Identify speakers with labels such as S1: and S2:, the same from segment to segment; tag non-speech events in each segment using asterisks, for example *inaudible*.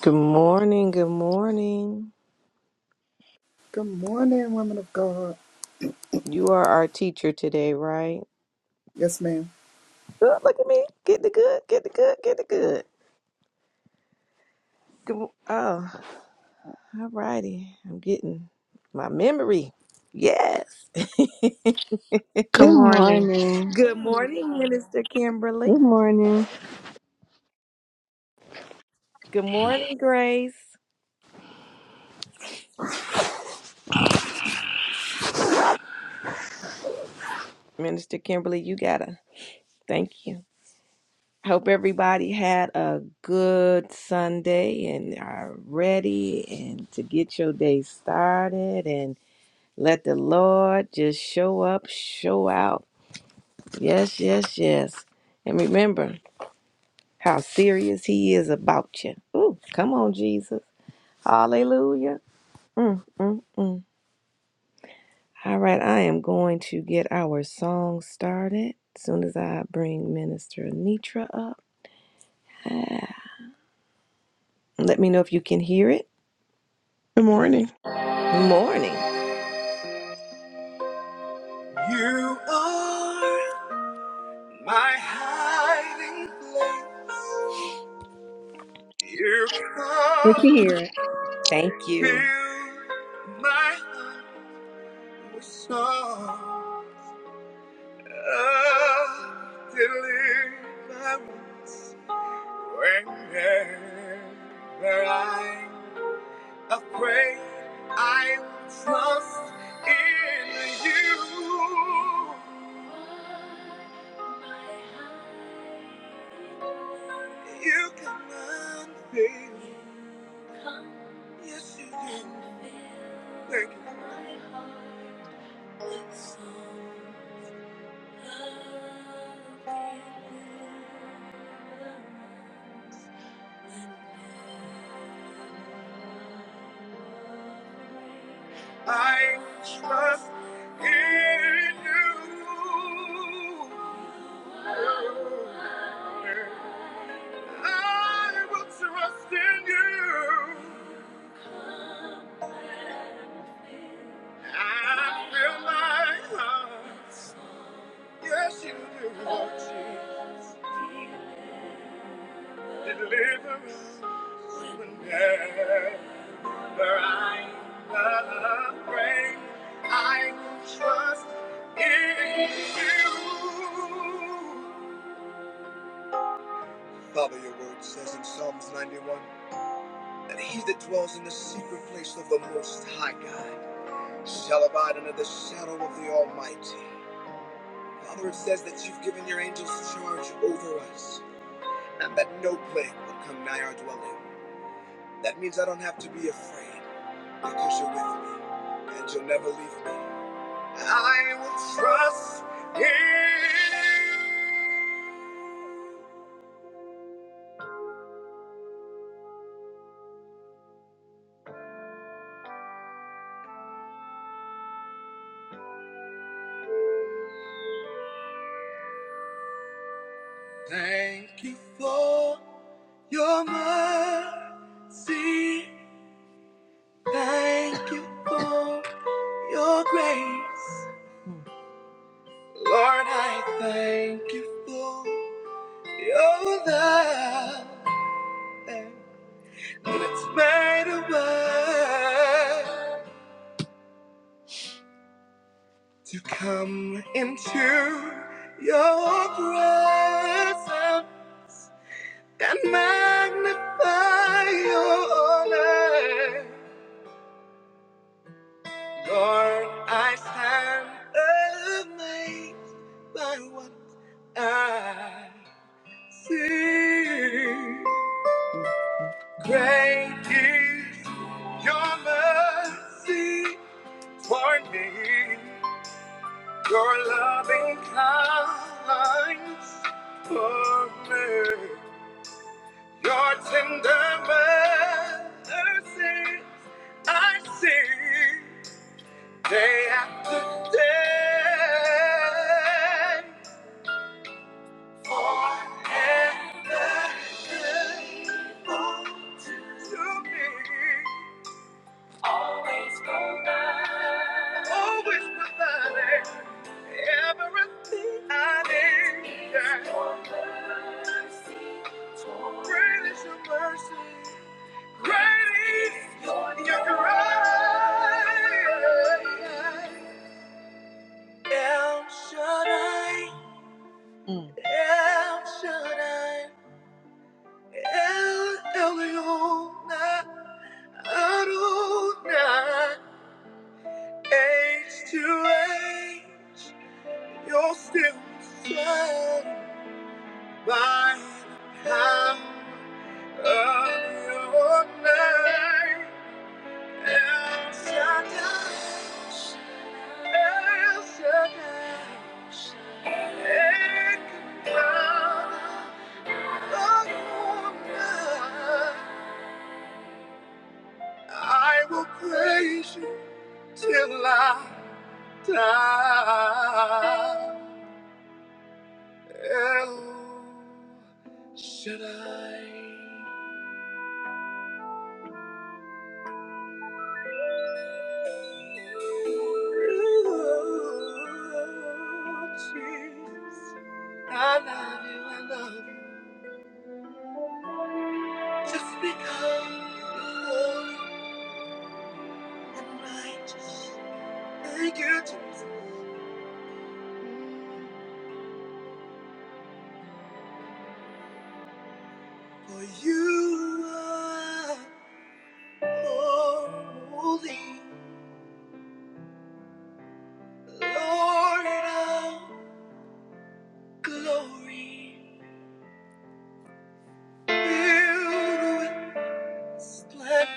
S1: Good morning. Good morning.
S2: Good morning, women of God.
S1: You are our teacher today, right?
S2: Yes, ma'am.
S1: Oh, look at me. Get the good. Get the good. Get the good. good mo- oh, all righty. I'm getting my memory. Yes. *laughs*
S3: Good
S4: Good
S3: morning.
S4: morning.
S1: good morning, Minister Kimberly.
S4: Good morning.
S1: Good morning, Grace. Minister Kimberly, you gotta. Thank you. Hope everybody had a good Sunday and are ready and to get your day started Let the Lord just show up, show out. Yes, yes, yes. And remember how serious He is about you. Ooh, come on, Jesus. Hallelujah. Mm, mm, mm. All right, I am going to get our song started. as soon as I bring Minister Nitra up, let me know if you can hear it.
S5: Good morning.
S1: Morning. You are my hiding place. You
S4: We can
S1: come.
S4: hear. it.
S1: Thank you. Fill my heart with song. Ah, deliverance. Whenever I'm afraid, I will trust in you. You cannot fail. Yes, you can. Thank you. I trust in you. I will trust in you. I feel my heart. Yes, you do, Lord Jesus. Deliverance whenever I'm afraid. I will trust in you. Father, your word says in Psalms 91 that he that dwells in the secret place of the Most High God shall abide under the shadow of the Almighty. Father, it says that you've given your angels charge over us and that no plague will come nigh our dwelling. That means I don't have to be afraid because you're with me and you'll never leave me. I will trust in you. Thank you for your mercy. Thank you for your grace. Lord, I thank you for your love. And it's made a way. to come into your presence and magnify your name. Lord, I stand amazed by what I see. Great is your mercy toward me. Your loving kindness for me. Your tender mercies I see day after day. Forever faithful to me. Always go by. Always providing everything I need. It's your mercy. Great is your mercy. Great is your grace. El Shaddai. Mm. El Shaddai. El Elyon. Adonai. Age to age, you're still the same by the power of your name. El Shaddai, El Shaddai, Adonai, Adonai. I will praise you till I die. El Shaddai. Oh, Jesus. I love you, I love you. Just because you're holy and righteous. Thank you, Jesus. For you are holy, Lord of glory. filled with. Slept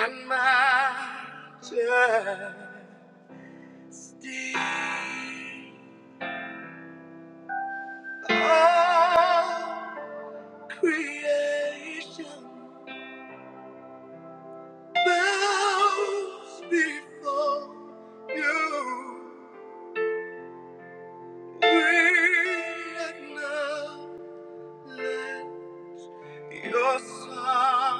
S1: on my majesty. All creation bows before you. We acknowledge your sovereignty.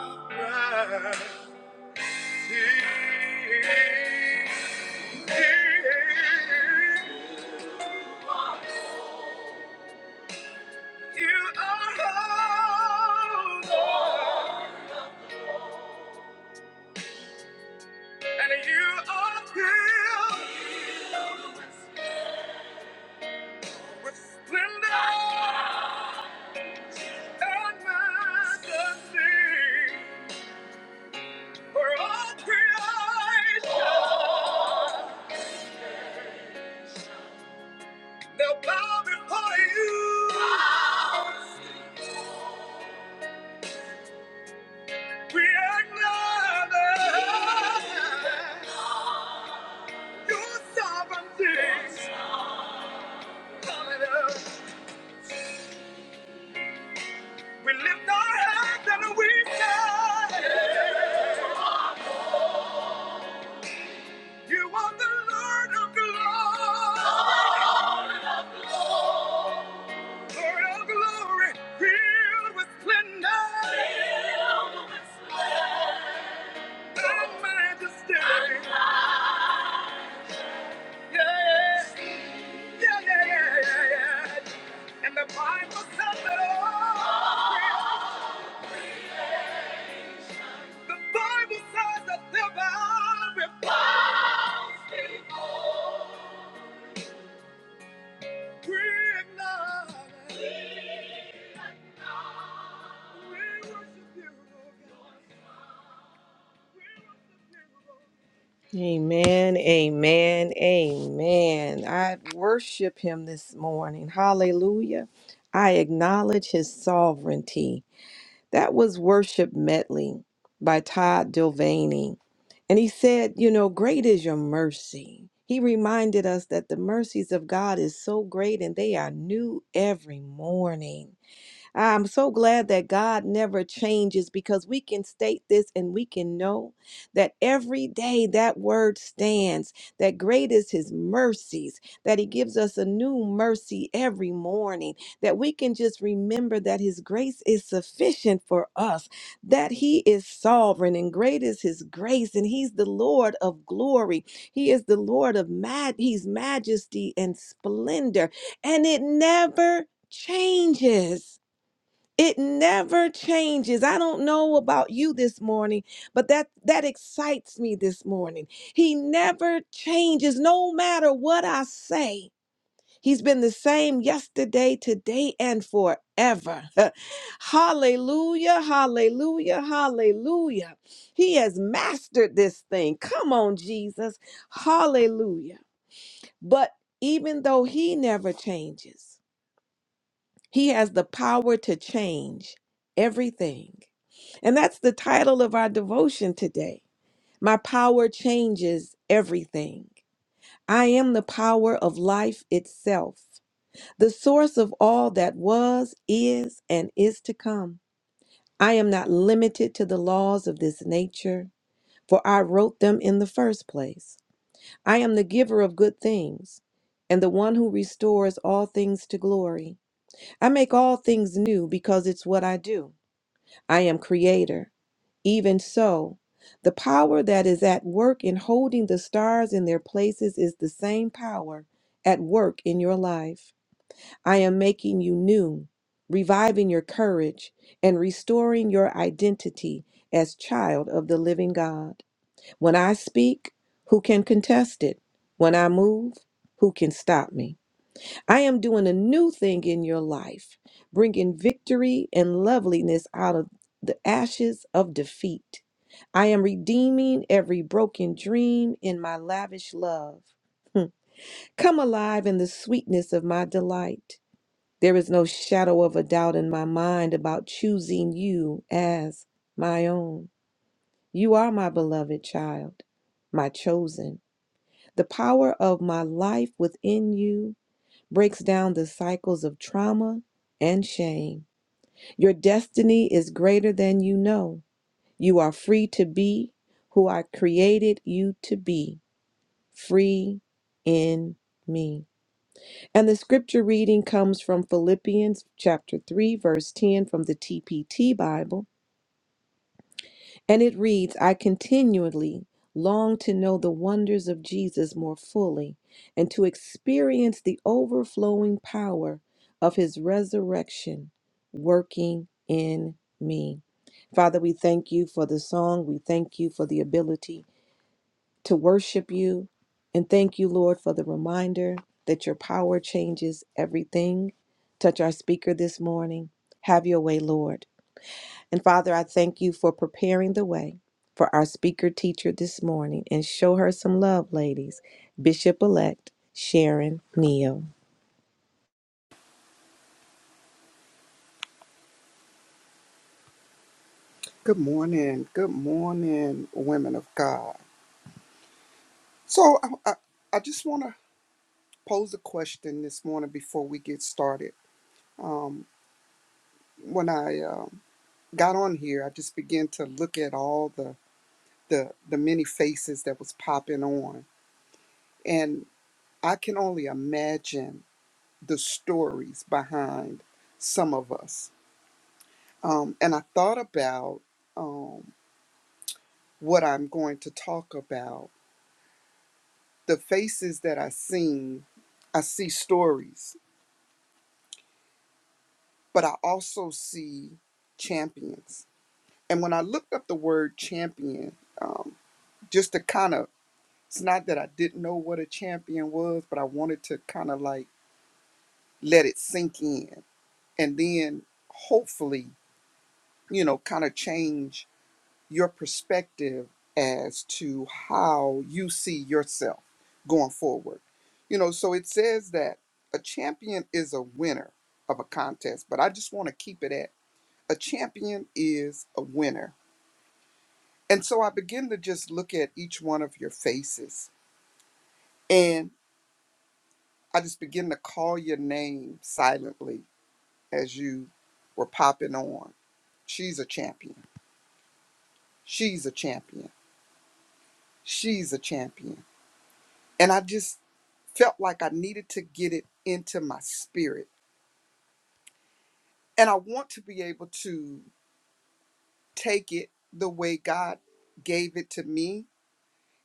S1: You are holy, and you are filled with splendor and majesty. For all creation, they'll bow before you. We acknowledge your sovereignty. Hallelujah. We lift our hands and we say. You are the Lord of glory, Lord of glory, filled with splendor and majesty. Yeah, yeah, yeah, yeah, yeah. yeah. And the Bible says it all. The Bible says that the Bible we acknowledge, we worship you, Lord God. We worship you, Lord. Amen, amen, amen. I worship him this morning. Hallelujah. I acknowledge his sovereignty. That was Worship Medley by Todd Dilvaney. And he said, You know, great is your mercy. He reminded us that the mercies of God is so great and they are new every morning. I'm so glad that God never changes because we can state this and we can know that every day that word stands, that great is his mercies, that he gives us a new mercy every morning, that we can just remember that his grace is sufficient for us, that he is sovereign and great is his grace and he's the Lord of glory. He is the Lord of mad he's majesty and splendor and it never changes. It never changes. I don't know about you this morning, but that that excites me this morning. He never changes no matter what I say. He's been the same yesterday, today and forever. *laughs* hallelujah, hallelujah, hallelujah. He has mastered this thing. Come on, Jesus. Hallelujah. But even though he never changes, he has the power to change everything. And that's the title of our devotion today. My power changes everything. I am the power of life itself, the source of all that was, is, and is to come. I am not limited to the laws of this nature, for I wrote them in the first place. I am the giver of good things and the one who restores all things to glory. I make all things new because it's what I do. I am creator. Even so, the power that is at work in holding the stars in their places is the same power at work in your life. I am making you new, reviving your courage, and restoring your identity as child of the living God. When I speak, who can contest it? When I move, who can stop me? I am doing a new thing in your life, bringing victory and loveliness out of the ashes of defeat. I am redeeming every broken dream in my lavish love. Come alive in the sweetness of my delight. There is no shadow of a doubt in my mind about choosing you as my own. You are my beloved child, my chosen, the power of my life within you breaks down the cycles of trauma and shame. Your destiny is greater than you know. You are free to be who I created you to be, free in me. And the scripture reading comes from Philippians chapter 3 verse 10 from the TPT Bible. And it reads, I continually long to know the wonders of Jesus more fully and to experience the overflowing power of his resurrection working in me. Father, we thank you for the song. We thank you for the ability to worship you. And thank you, Lord, for the reminder that your power changes everything. Touch our speaker this morning. Have your way, Lord. And Father, I thank you for preparing the way for our speaker teacher this morning and show her some love, ladies. Bishop elect Sharon Neal.
S2: Good morning. Good morning, women of God. So I, I, I just want to pose a question this morning before we get started. Um, when I um, got on here, I just began to look at all the, the the many faces that was popping on, and I can only imagine the stories behind some of us. Um, and I thought about um, what I'm going to talk about the faces that I seen, I see stories, but I also see champions. And when I looked up the word champion, um, just to kind of, it's not that I didn't know what a champion was, but I wanted to kind of like let it sink in and then hopefully, you know, kind of change your perspective as to how you see yourself going forward. You know, so it says that a champion is a winner of a contest, but I just want to keep it at a champion is a winner. And so I begin to just look at each one of your faces and I just begin to call your name silently as you were popping on. She's a champion. She's a champion. She's a champion. And I just felt like I needed to get it into my spirit. And I want to be able to take it the way God gave it to me.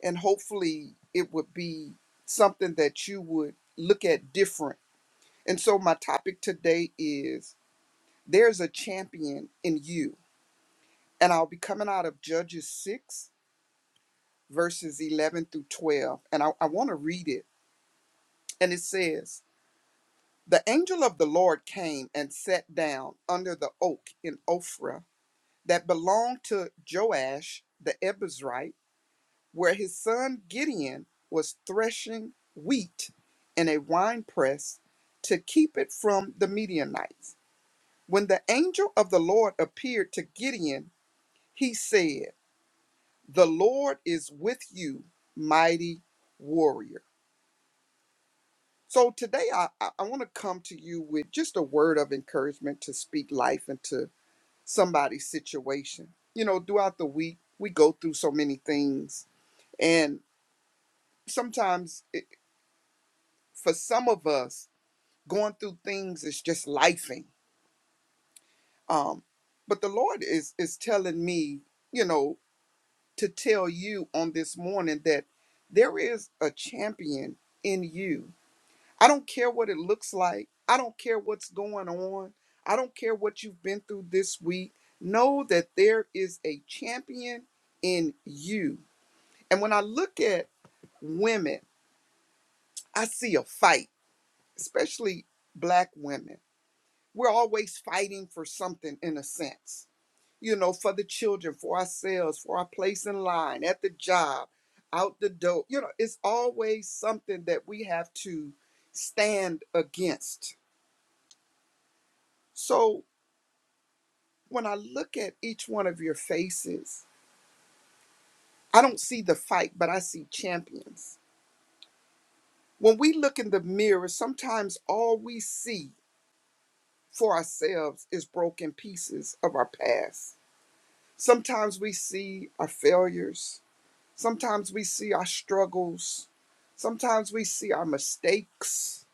S2: And hopefully, it would be something that you would look at different. And so, my topic today is There's a Champion in You. And I'll be coming out of Judges 6, verses 11 through 12. And I, I want to read it. And it says, The angel of the Lord came and sat down under the oak in Ophrah that belonged to Joash the Ebizrite, where his son Gideon was threshing wheat in a wine press to keep it from the Midianites. When the angel of the Lord appeared to Gideon, he said, The Lord is with you, mighty warrior. So today I, I want to come to you with just a word of encouragement to speak life into somebody's situation. You know, throughout the week, we go through so many things And sometimes it, for some of us, going through things is just lifing. Um, but the Lord is is telling me, you know, to tell you on this morning that there is a champion in you. I don't care what it looks like. I don't care what's going on. I don't care what you've been through this week. Know that there is a champion in you. And when I look at women, I see a fight. especially black women, we're always fighting for something in a sense, you know, for the children, for ourselves, for our place in line, at the job, out the door. You know, it's always something that we have to stand against. So when I look at each one of your faces, I don't see the fight, but I see champions. When we look in the mirror, sometimes all we see for ourselves is broken pieces of our past Sometimes we see our failures. Sometimes we see our struggles. Sometimes we see our mistakes.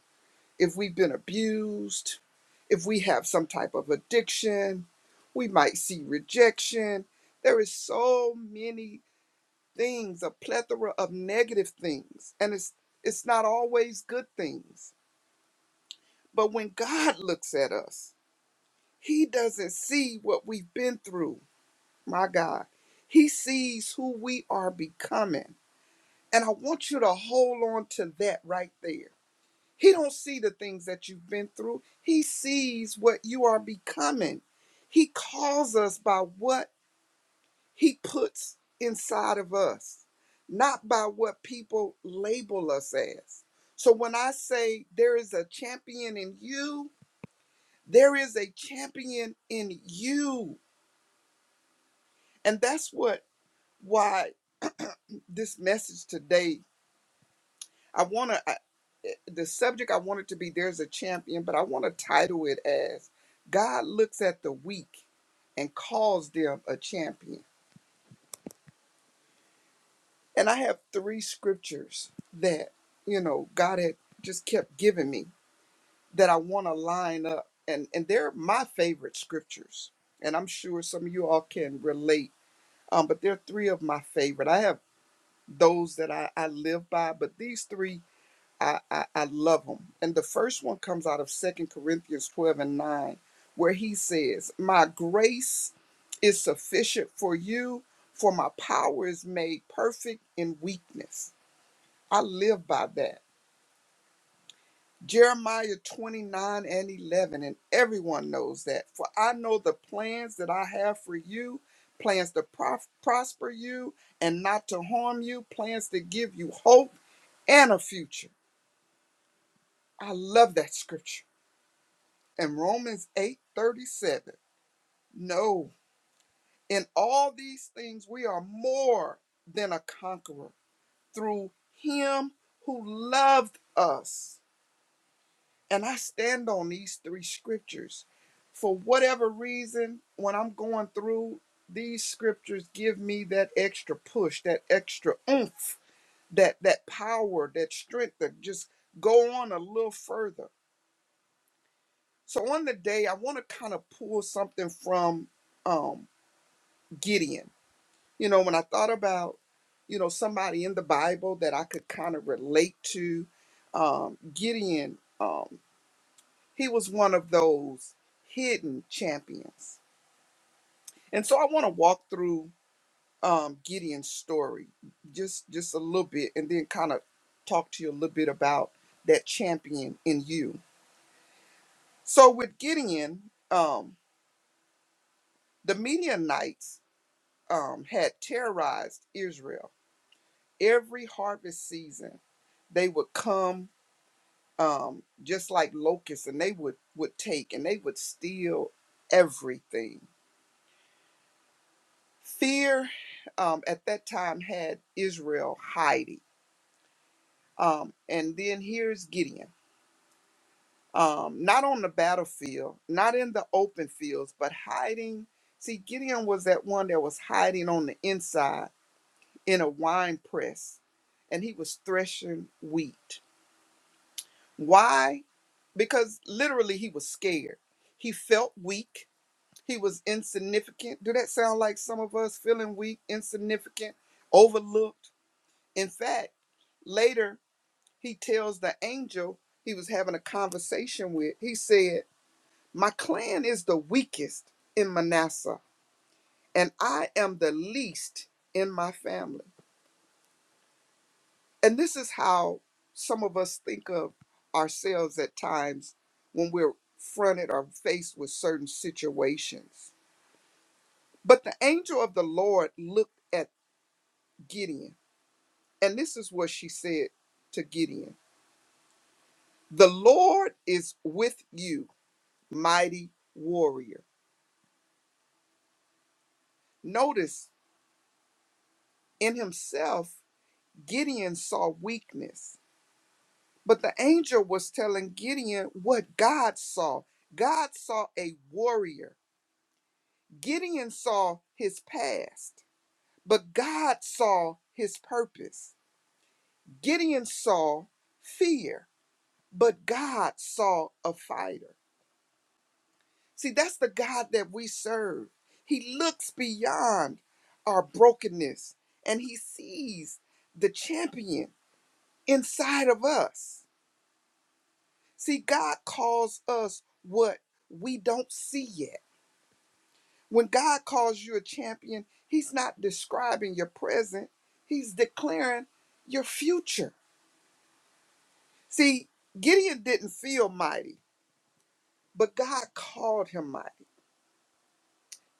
S2: If we've been abused, if we have some type of addiction, we might see rejection. There is so many things, a plethora of negative things, and it's it's not always good things. But when God looks at us, he doesn't see what we've been through. my God. He sees who we are becoming. And I want you to hold on to that right there. He don't see the things that you've been through. He sees what you are becoming. He calls us by what he puts inside of us, not by what people label us as. So when I say there is a champion in you, there is a champion in you. And that's what why this message today I want to, the subject I want it to be There's a Champion, but I want to title it as God Looks at the Weak and Calls Them a Champion. And I have three scriptures that, you know, God had just kept giving me that I want to line up. And, and they're my favorite scriptures. And I'm sure some of you all can relate. Um, but they're three of my favorite. I have those that I, I live by, but these three I, I, I love them. And the first one comes out of Second Corinthians 12 and 9, where he says, My grace is sufficient for you, for my power is made perfect in weakness. I live by that. Jeremiah 29 and 11, and everyone knows that. For I know the plans that I have for you plans to prof- prosper you and not to harm you, plans to give you hope and a future. I love that scripture And Romans 8 37. No, in all these things we are more than a conqueror through him who loved us. And I stand on these three scriptures. For whatever reason, when I'm going through these scriptures, give me that extra push, that extra oomph, that that power, that strength to just go on a little further. So on the day, I want to kind of pull something from um, Gideon. You know, when I thought about, you know, somebody in the Bible that I could kind of relate to, um, Gideon, um, he was one of those hidden champions. And so I want to walk through um, Gideon's story just just a little bit, and then kind of talk to you a little bit about that champion in you. So with Gideon, um, the Midianites um, had terrorized Israel every harvest season they would come um, just like locusts and they would would take and they would steal everything fear um, at that time had israel hiding um, and then here's gideon um, not on the battlefield not in the open fields but hiding see gideon was that one that was hiding on the inside in a wine press and he was threshing wheat why because literally he was scared. He felt weak. He was insignificant. Do that sound like some of us feeling weak, insignificant, overlooked? In fact, later he tells the angel he was having a conversation with, he said, My clan is the weakest in Manasseh, and I am the least in my family. And this is how some of us think of ourselves at times when we're fronted or faced with certain situations. But the angel of the Lord looked at Gideon, and this is what she said to Gideon The Lord is with you, mighty warrior. Notice in himself, Gideon saw weakness, but the angel was telling Gideon what God saw. God saw a warrior. Gideon saw his past, but God saw his purpose. Gideon saw fear, but God saw a fighter. See, that's the God that we serve. He looks beyond our brokenness and he sees the champion inside of us. See, God calls us what we don't see yet. When God calls you a champion, He's not describing your present, He's declaring your future. See, Gideon didn't feel mighty, but God called him mighty.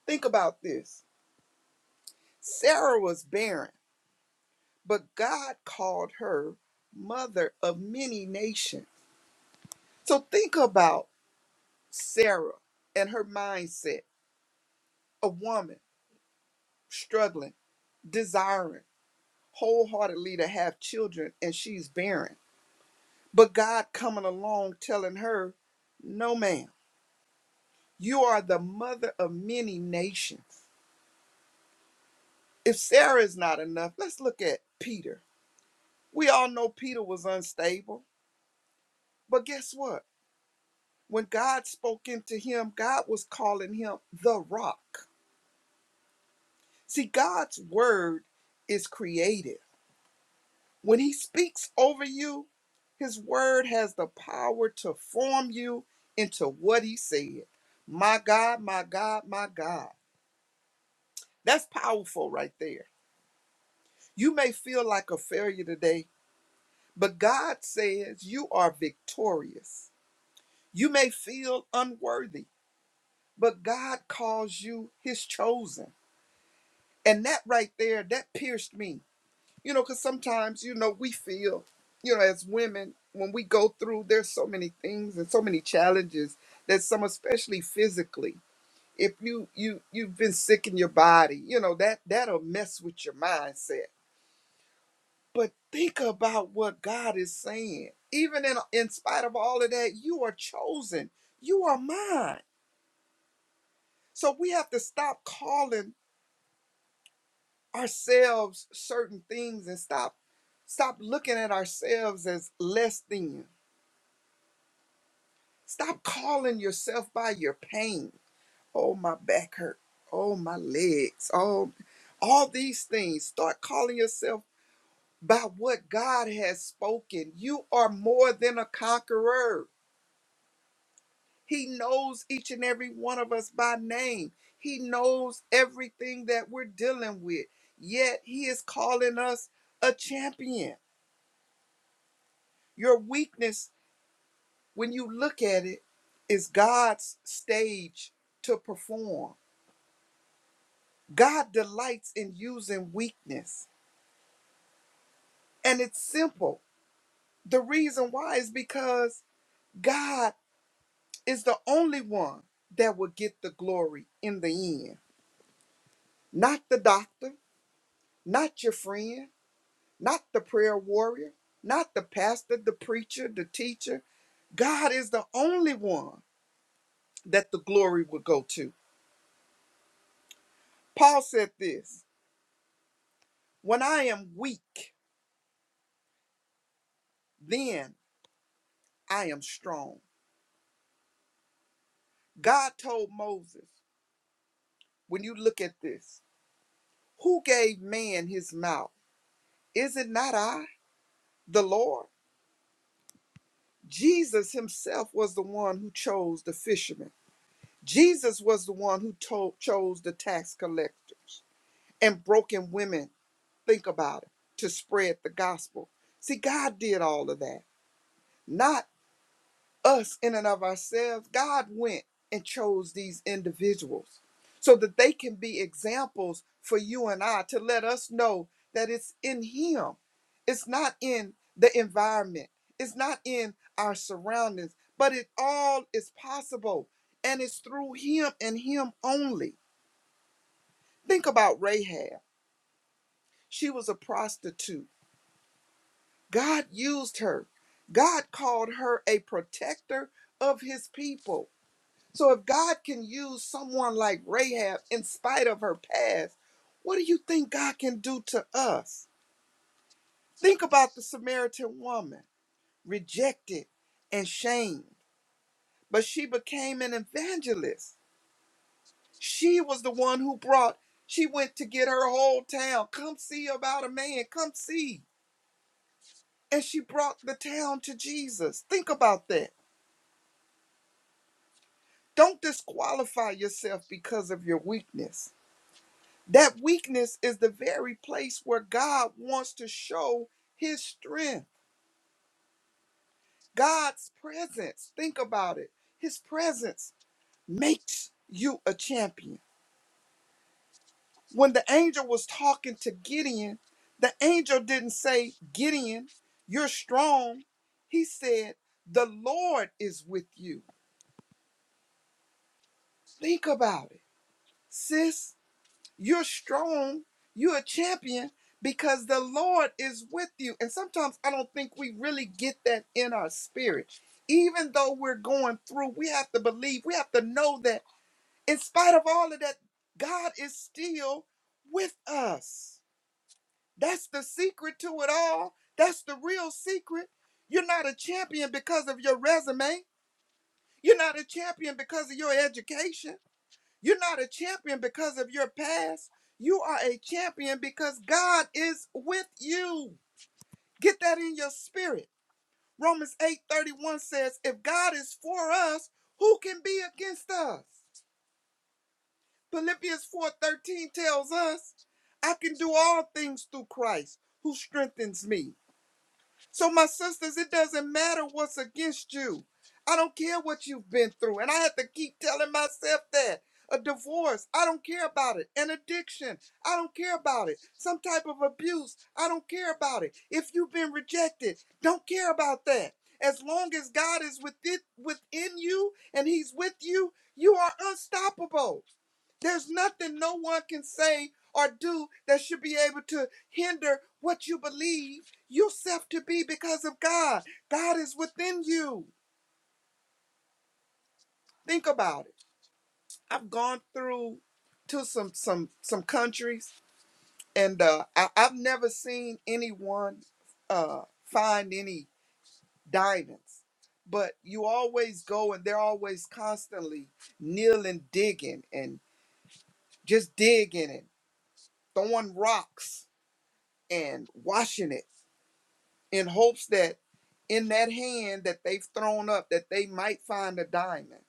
S2: Think about this Sarah was barren, but God called her mother of many nations. So think about Sarah and her mindset a woman struggling, desiring wholeheartedly to have children, and she's barren But God coming along telling her, No, ma'am, you are the mother of many nations. If Sarah is not enough, let's look at Peter. We all know Peter was unstable, but guess what? When God spoke into him, God was calling him the rock. See, God's word is creative. When he speaks over you, his word has the power to form you into what he said. My God, my God, my God. That's powerful right there. You may feel like a failure today, but God says you are victorious. You may feel unworthy, but God calls you his chosen. And that right there, that pierced me. You know, because sometimes, you know, we feel, you know, as women, when we go through, there's so many things and so many challenges that some, especially physically, if you you you've been sick in your body, you know, that that'll mess with your mindset But think about what God is saying. Even in, in spite of all of that, you are chosen. You are mine. So we have to stop calling ourselves certain things and stop stop looking at ourselves as less than. Stop calling yourself by your pain. Oh, my back hurt. Oh, my legs. Oh, all these things. Start calling yourself by what God has spoken. You are more than a conqueror. He knows each and every one of us by name. He knows everything that we're dealing with. Yet he is calling us a champion. Your weakness, when you look at it, is God's stage to perform. God delights in using weakness. And it's simple. The reason why is because God is the only one that will get the glory in the end, not the doctor, not your friend not the prayer warrior, not the pastor, the preacher, the teacher. God is the only one that the glory will go to. Paul said this When I am weak, then I am strong. God told Moses, when you look at this, who gave man his mouth? Is it not I, the Lord? Jesus himself was the one who chose the fishermen. Jesus was the one who told, chose the tax collectors and broken women think about it, to spread the gospel. See, God did all of that, not us in and of ourselves. God went and chose these individuals so that they can be examples for you and I to let us know that it's in Him, it's not in the environment, it's not in our surroundings, but it all is possible and it's through Him and Him only. Think about Rahab. She was a prostitute God used her. God called her a protector of his people. So if God can use someone like Rahab in spite of her past, what do you think God can do to us? Think about the Samaritan woman, rejected and shamed, but she became an evangelist. She was the one who brought, she went to get her whole town. Come see about a man, come see. And she brought the town to Jesus. Think about that. Don't disqualify yourself because of your weakness. That weakness is the very place where God wants to show his strength, God's presence. Think about it. His presence makes you a champion. When the angel was talking to Gideon, the angel didn't say, Gideon, you're strong. He said, The Lord is with you. Think about it. Sis, You're strong. You're a champion because the Lord is with you. And sometimes I don't think we really get that in our spirit. Even though we're going through, we have to believe, we have to know that in spite of all of that, God is still with us. That's the secret to it all. That's the real secret. You're not a champion because of your resume. You're not a champion because of your education. You're not a champion because of your past. You are a champion because God is with you. Get that in your spirit. Romans 8:31 says, "If God is for us, who can be against us?" Philippians 4:13 tells us, "I can do all things through Christ who strengthens me." So, my sisters, it doesn't matter what's against you. I don't care what you've been through. And I had to keep telling myself that. A divorce, I don't care about it. An addiction, I don't care about it. Some type of abuse, I don't care about it. If you've been rejected, don't care about that. As long as God is with it, within you and He's with you, you are unstoppable. There's nothing no one can say or do that should be able to hinder what you believe yourself to be because of God. God is within you. Think about it. I've gone through to some some some countries, and uh, I, I've never seen anyone uh, find any diamonds. But you always go, and they're always constantly kneeling, digging, and just digging and throwing rocks and washing it in hopes that in that hand that they've thrown up that they might find a diamond.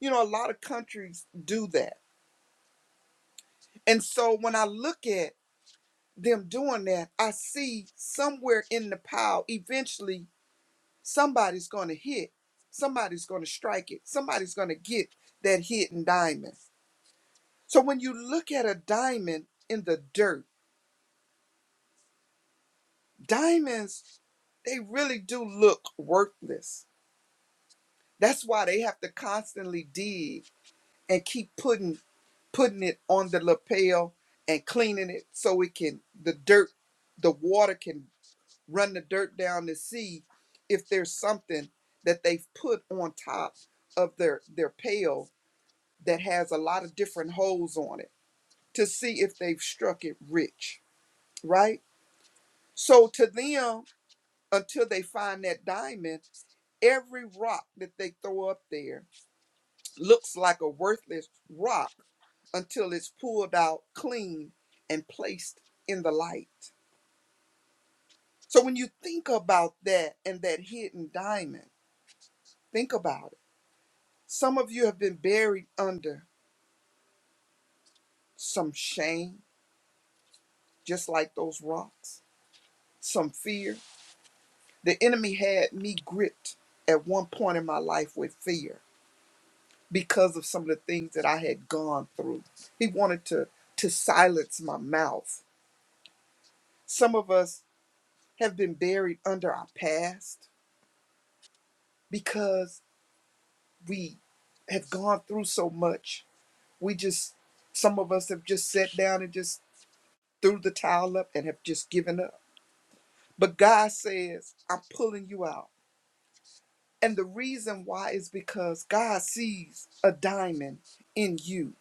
S2: You know, a lot of countries do that. And so when I look at them doing that, I see somewhere in the pile eventually somebody's going to hit, somebody's going to strike it, somebody's going to get that hidden diamond. So when you look at a diamond in the dirt, diamonds they really do look worthless. That's why they have to constantly dig and keep putting putting it on the lapel and cleaning it so it can the dirt the water can run the dirt down to see if there's something that they've put on top of their their pail that has a lot of different holes on it to see if they've struck it rich right so to them until they find that diamond every rock that they throw up there looks like a worthless rock until it's pulled out clean and placed in the light. So when you think about that and that hidden diamond, think about it. Some of you have been buried under some shame, just like those rocks, some fear. The enemy had me gripped at one point in my life with fear because of some of the things that I had gone through. He wanted to to silence my mouth. Some of us have been buried under our past because we have gone through so much. We just, some of us have just sat down and just threw the towel up and have just given up. But God says, I'm pulling you out. And the reason why is because God sees a diamond in you.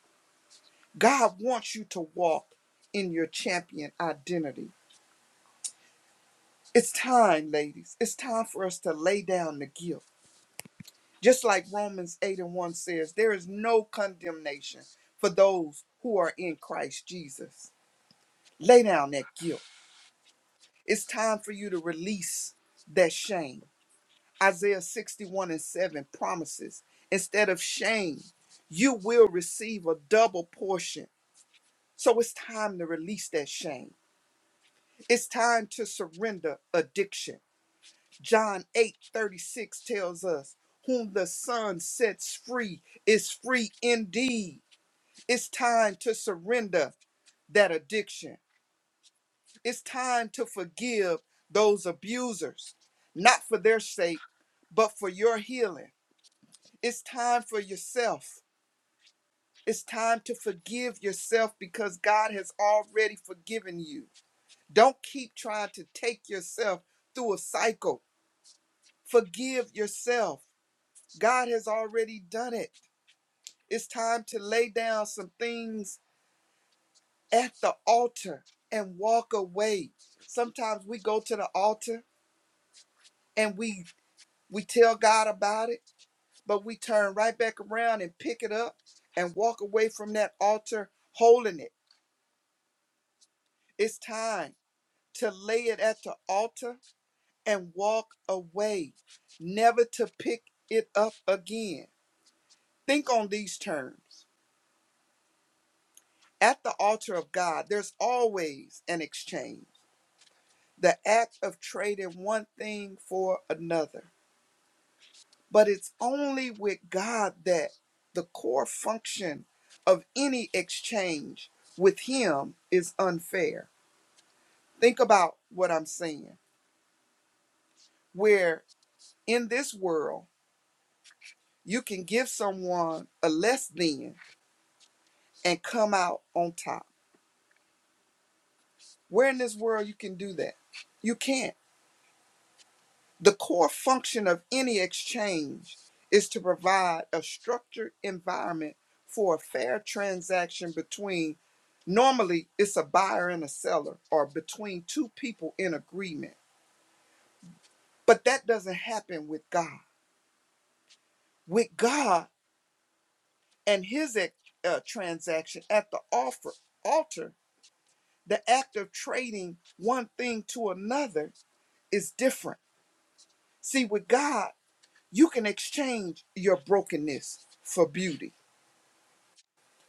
S2: God wants you to walk in your champion identity. It's time, ladies. It's time for us to lay down the guilt. Just like Romans 8 and 1 says, there is no condemnation for those who are in Christ Jesus. Lay down that guilt. It's time for you to release that shame. Isaiah 61 and 7 promises instead of shame, you will receive a double portion. So it's time to release that shame. It's time to surrender addiction. John 8 36 tells us, Whom the Son sets free is free indeed. It's time to surrender that addiction. It's time to forgive those abusers, not for their sake, but for your healing. It's time for yourself. It's time to forgive yourself because God has already forgiven you. Don't keep trying to take yourself through a cycle. Forgive yourself. God has already done it. It's time to lay down some things at the altar and walk away. Sometimes we go to the altar and we we tell God about it, but we turn right back around and pick it up and walk away from that altar holding it. It's time to lay it at the altar and walk away, never to pick it up again. Think on these terms. At the altar of God, there's always an exchange, the act of trading one thing for another. But it's only with God that the core function of any exchange with Him is unfair. Think about what I'm saying, where in this world, you can give someone a less than and come out on top. Where in this world you can do that? You can't. The core function of any exchange is to provide a structured environment for a fair transaction between, normally, it's a buyer and a seller, or between two people in agreement. But that doesn't happen with God. With God and his ex- uh, transaction at the offer, altar, the act of trading one thing to another is different. See, with God, you can exchange your brokenness for beauty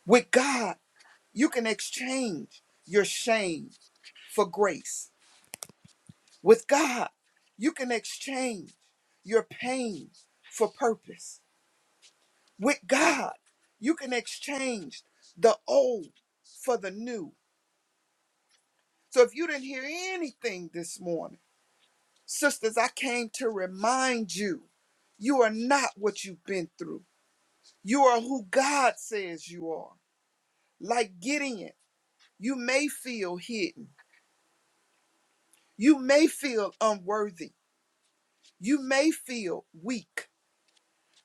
S2: With God, you can exchange your shame for grace. With God, you can exchange your pain for purpose. With God, you can exchange the old for the new. So if you didn't hear anything this morning, sisters, I came to remind you you are not what you've been through. You are who God says you are. Like Gideon, you may feel hidden, you may feel unworthy. You may feel weak,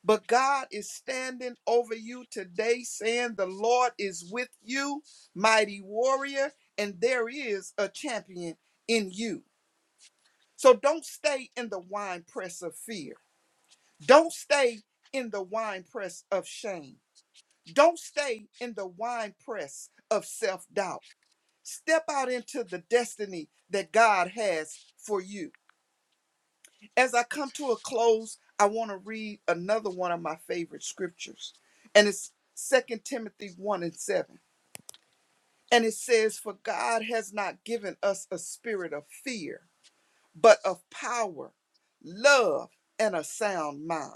S2: but God is standing over you today, saying, The Lord is with you, mighty warrior, and there is a champion in you. So don't stay in the wine press of fear. Don't stay in the wine press of shame. Don't stay in the wine press of self doubt. Step out into the destiny that God has for you. As I come to a close, I want to read another one of my favorite scriptures, and it's Second Timothy 1 and 7. And it says, For God has not given us a spirit of fear, but of power, love, and a sound mind.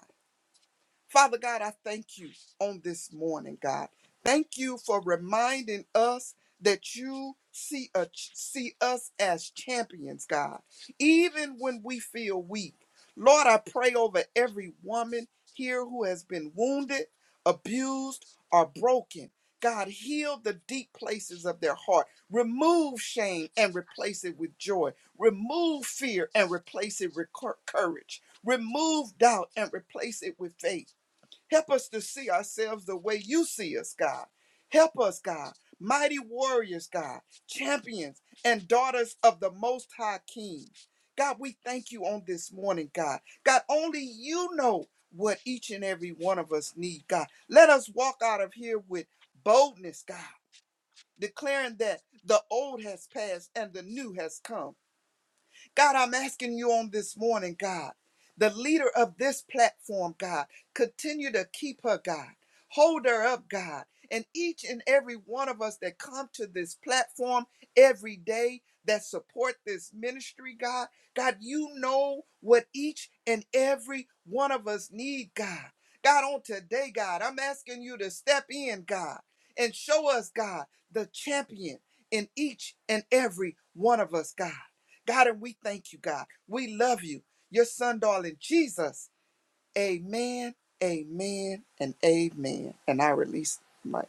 S2: Father God, I thank you on this morning, God. Thank you for reminding us that you see, a, see us as champions, God, even when we feel weak. Lord, I pray over every woman here who has been wounded, abused, or broken. God, heal the deep places of their heart. Remove shame and replace it with joy. Remove fear and replace it with cour- courage. Remove doubt and replace it with faith. Help us to see ourselves the way you see us, God. Help us, God. Mighty warriors, God. Champions and daughters of the Most High King. God, we thank you on this morning, God. God, only you know what each and every one of us need, God. Let us walk out of here with boldness, God, declaring that the old has passed and the new has come. God, I'm asking you on this morning, God, the leader of this platform, God, continue to keep her, God. Hold her up, God. And each and every one of us that come to this platform every day that support this ministry, God, God, you know what each and every one of us need, God. God, on today, God, I'm asking you to step in, God, and show us, God, the champion in each and every one of us, God. God, and we thank you, God. We love you. Your son, darling Jesus. Amen, amen, and amen. And I release the mic.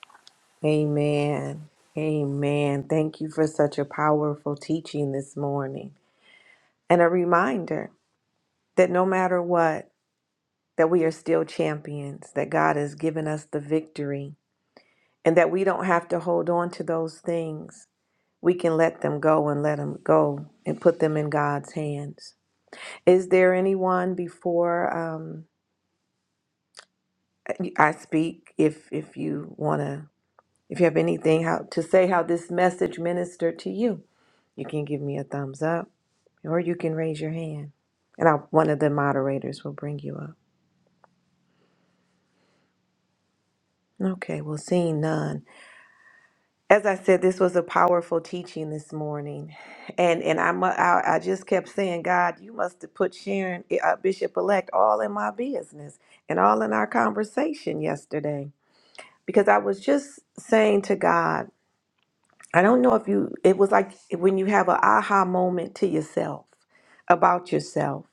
S1: Amen. Amen. Thank you for such a powerful teaching this morning. And a reminder that no matter what, that we are still champions, that God has given us the victory, and that we don't have to hold on to those things. We can let them go and let them go and put them in God's hands. Is there anyone before um, I speak, if if you want to, if you have anything how to say how this message ministered to you, you can give me a thumbs up, or you can raise your hand, and i one of the moderators will bring you up. Okay, well, seeing none. As I said, this was a powerful teaching this morning, and and I mu- I, I just kept saying, God, you must have put Sharon, eh, uh, Bishop Elect, all in my business and all in our conversation yesterday because I was just saying to God, I don't know if you, it was like when you have an aha moment to yourself about yourself.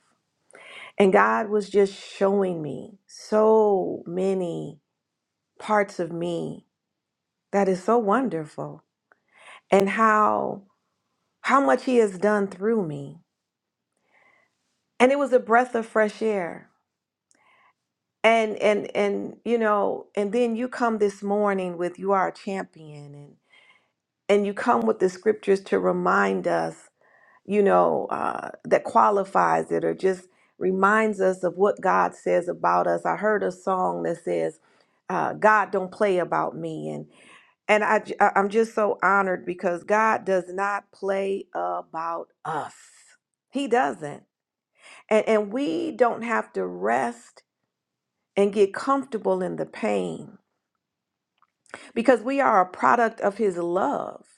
S1: And God was just showing me so many parts of me that is so wonderful and how how much he has done through me. And it was a breath of fresh air. And and and you know, and then you come this morning with you are a champion and and you come with the scriptures to remind us you know, uh, that qualifies it or just reminds us of what God says about us. I heard a song that says, uh, "God don't play about me," and and I j- I- I'm just so honored because God does not play about us. He doesn't, and and we don't have to rest and get comfortable in the pain because we are a product of His love.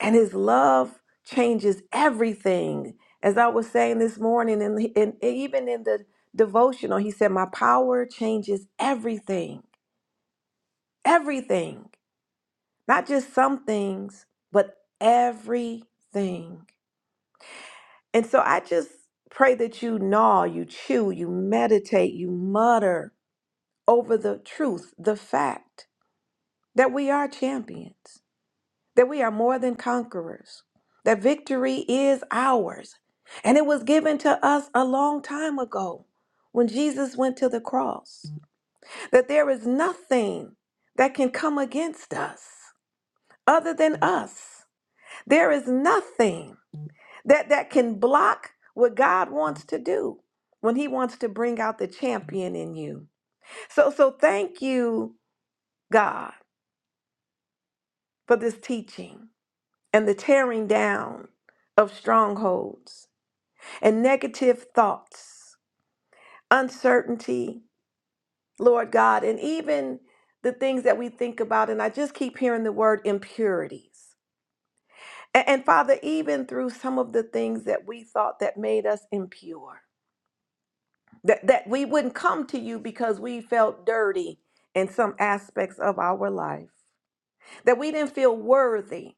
S1: and his love changes everything as i was saying this morning and, and even in the devotional he said my power changes everything everything not just some things but everything and so i just pray that you gnaw you chew you meditate you mutter over the truth the fact that we are champions that we are more than conquerors, that victory is ours. And it was given to us a long time ago when Jesus went to the cross, that there is nothing that can come against us other than us. There is nothing that, that can block what God wants to do when he wants to bring out the champion in you. So so thank you God for this teaching and the tearing down of strongholds and negative thoughts, uncertainty, Lord God, and even the things that we think about. And I just keep hearing the word impurities. And, and Father, even through some of the things that we thought that made us impure, that, that we wouldn't come to you because we felt dirty in some aspects of our life, that we didn't feel worthy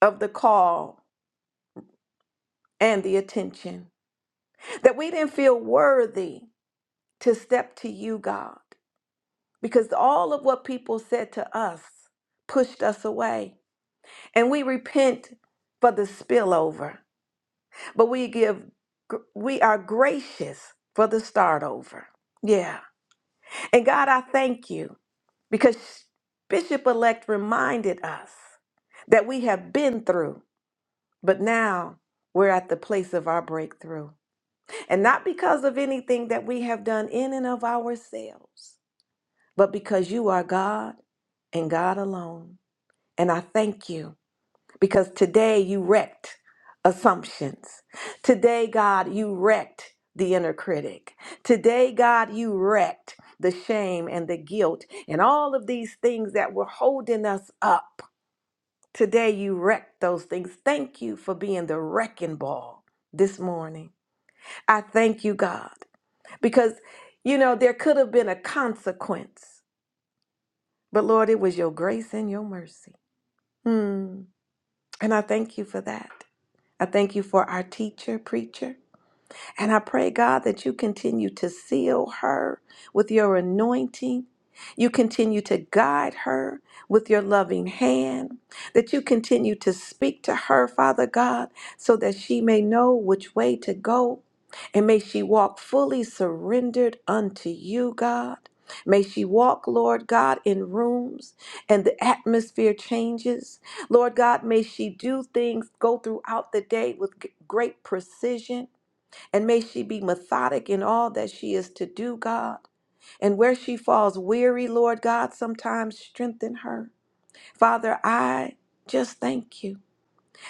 S1: of the call and the attention, that we didn't feel worthy to step to you, God. because all of what people said to us pushed us away. And we repent for the spillover, but we give, we are gracious for the start over. Yeah. And God, I thank you because Bishop elect reminded us that we have been through, but now we're at the place of our breakthrough. And not because of anything that we have done in and of ourselves, but because you are God and God alone. And I thank you because today you wrecked assumptions. Today, God, you wrecked the inner critic. Today, God, you wrecked the shame and the guilt and all of these things that were holding us up. Today, you wrecked those things. Thank you for being the wrecking ball this morning. I thank you, God, because, you know, there could have been a consequence, but Lord, it was your grace and your mercy. Hmm. And I thank you for that. I thank you for our teacher, preacher. And I pray, God, that you continue to seal her with your anointing. You continue to guide her with your loving hand. That you continue to speak to her, Father God, so that she may know which way to go. And may she walk fully surrendered unto you, God. May she walk, Lord God, in rooms and the atmosphere changes. Lord God, may she do things, go throughout the day with g- great precision. And may she be methodic in all that she is to do, God. And where she falls weary, Lord God, sometimes strengthen her. Father, I just thank you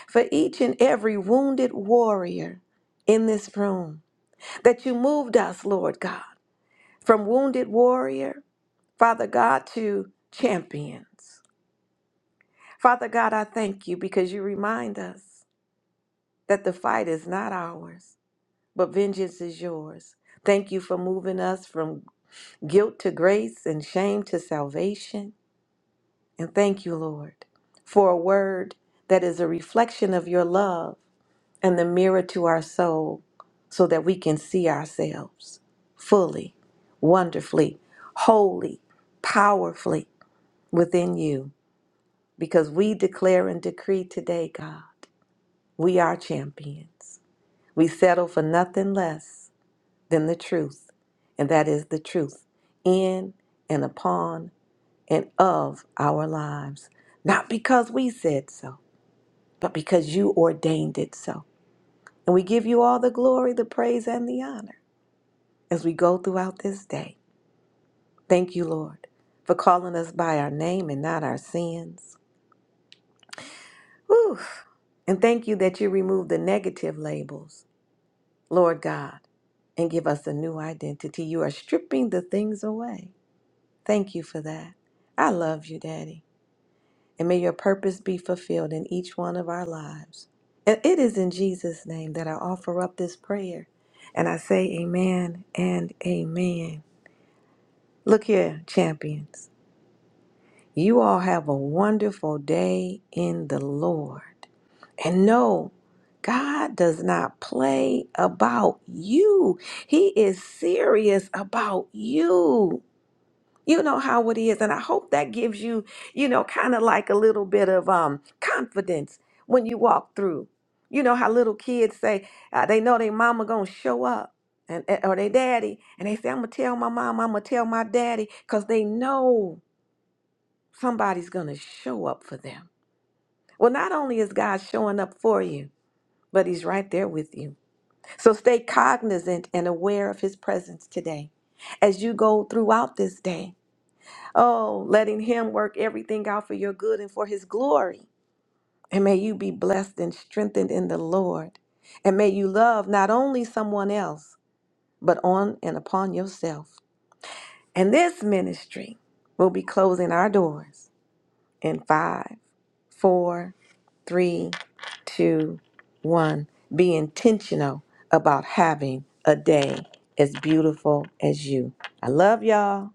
S1: for each and every wounded warrior in this room that you moved us, Lord God, from wounded warrior, Father God, to champions. Father God, I thank you because you remind us that the fight is not ours, but vengeance is yours. Thank you for moving us from guilt to grace and shame to salvation. And thank you, Lord, for a word that is a reflection of your love and the mirror to our soul so that we can see ourselves fully, wonderfully, wholly, powerfully within you. Because we declare and decree today, God, we are champions. We settle for nothing less than the truth, and that is the truth in and upon and of our lives, not because we said so, but because you ordained it so. And we give you all the glory, the praise, and the honor as we go throughout this day. Thank you, Lord, for calling us by our name and not our sins. Whew. And thank you that you remove the negative labels, Lord God, and give us a new identity. You are stripping the things away. Thank you for that. I love you, Daddy. and may your purpose be fulfilled in each one of our lives. And it is in Jesus' name that I offer up this prayer. And I say amen and amen. Look here, champions. You all have a wonderful day in the Lord. And know God does not play about you, He is serious about you. You know how it is. And I hope that gives you, you know, kind of like a little bit of um, confidence when you walk through. You know how little kids say uh, they know their mama going to show up and and- or their daddy. And they say, I'm going to tell my mom, I'm going to tell my daddy because they know somebody's going to show up for them. Well, not only is God showing up for you, but he's right there with you. So stay cognizant and aware of his presence today as you go throughout this day. Oh, letting Him work everything out for your good and for His glory. And may you be blessed and strengthened in the Lord. And may you love not only someone else, but on and upon yourself. And this ministry will be closing our doors in five, four, three, two, one. Be intentional about having a day as beautiful as you. I love y'all.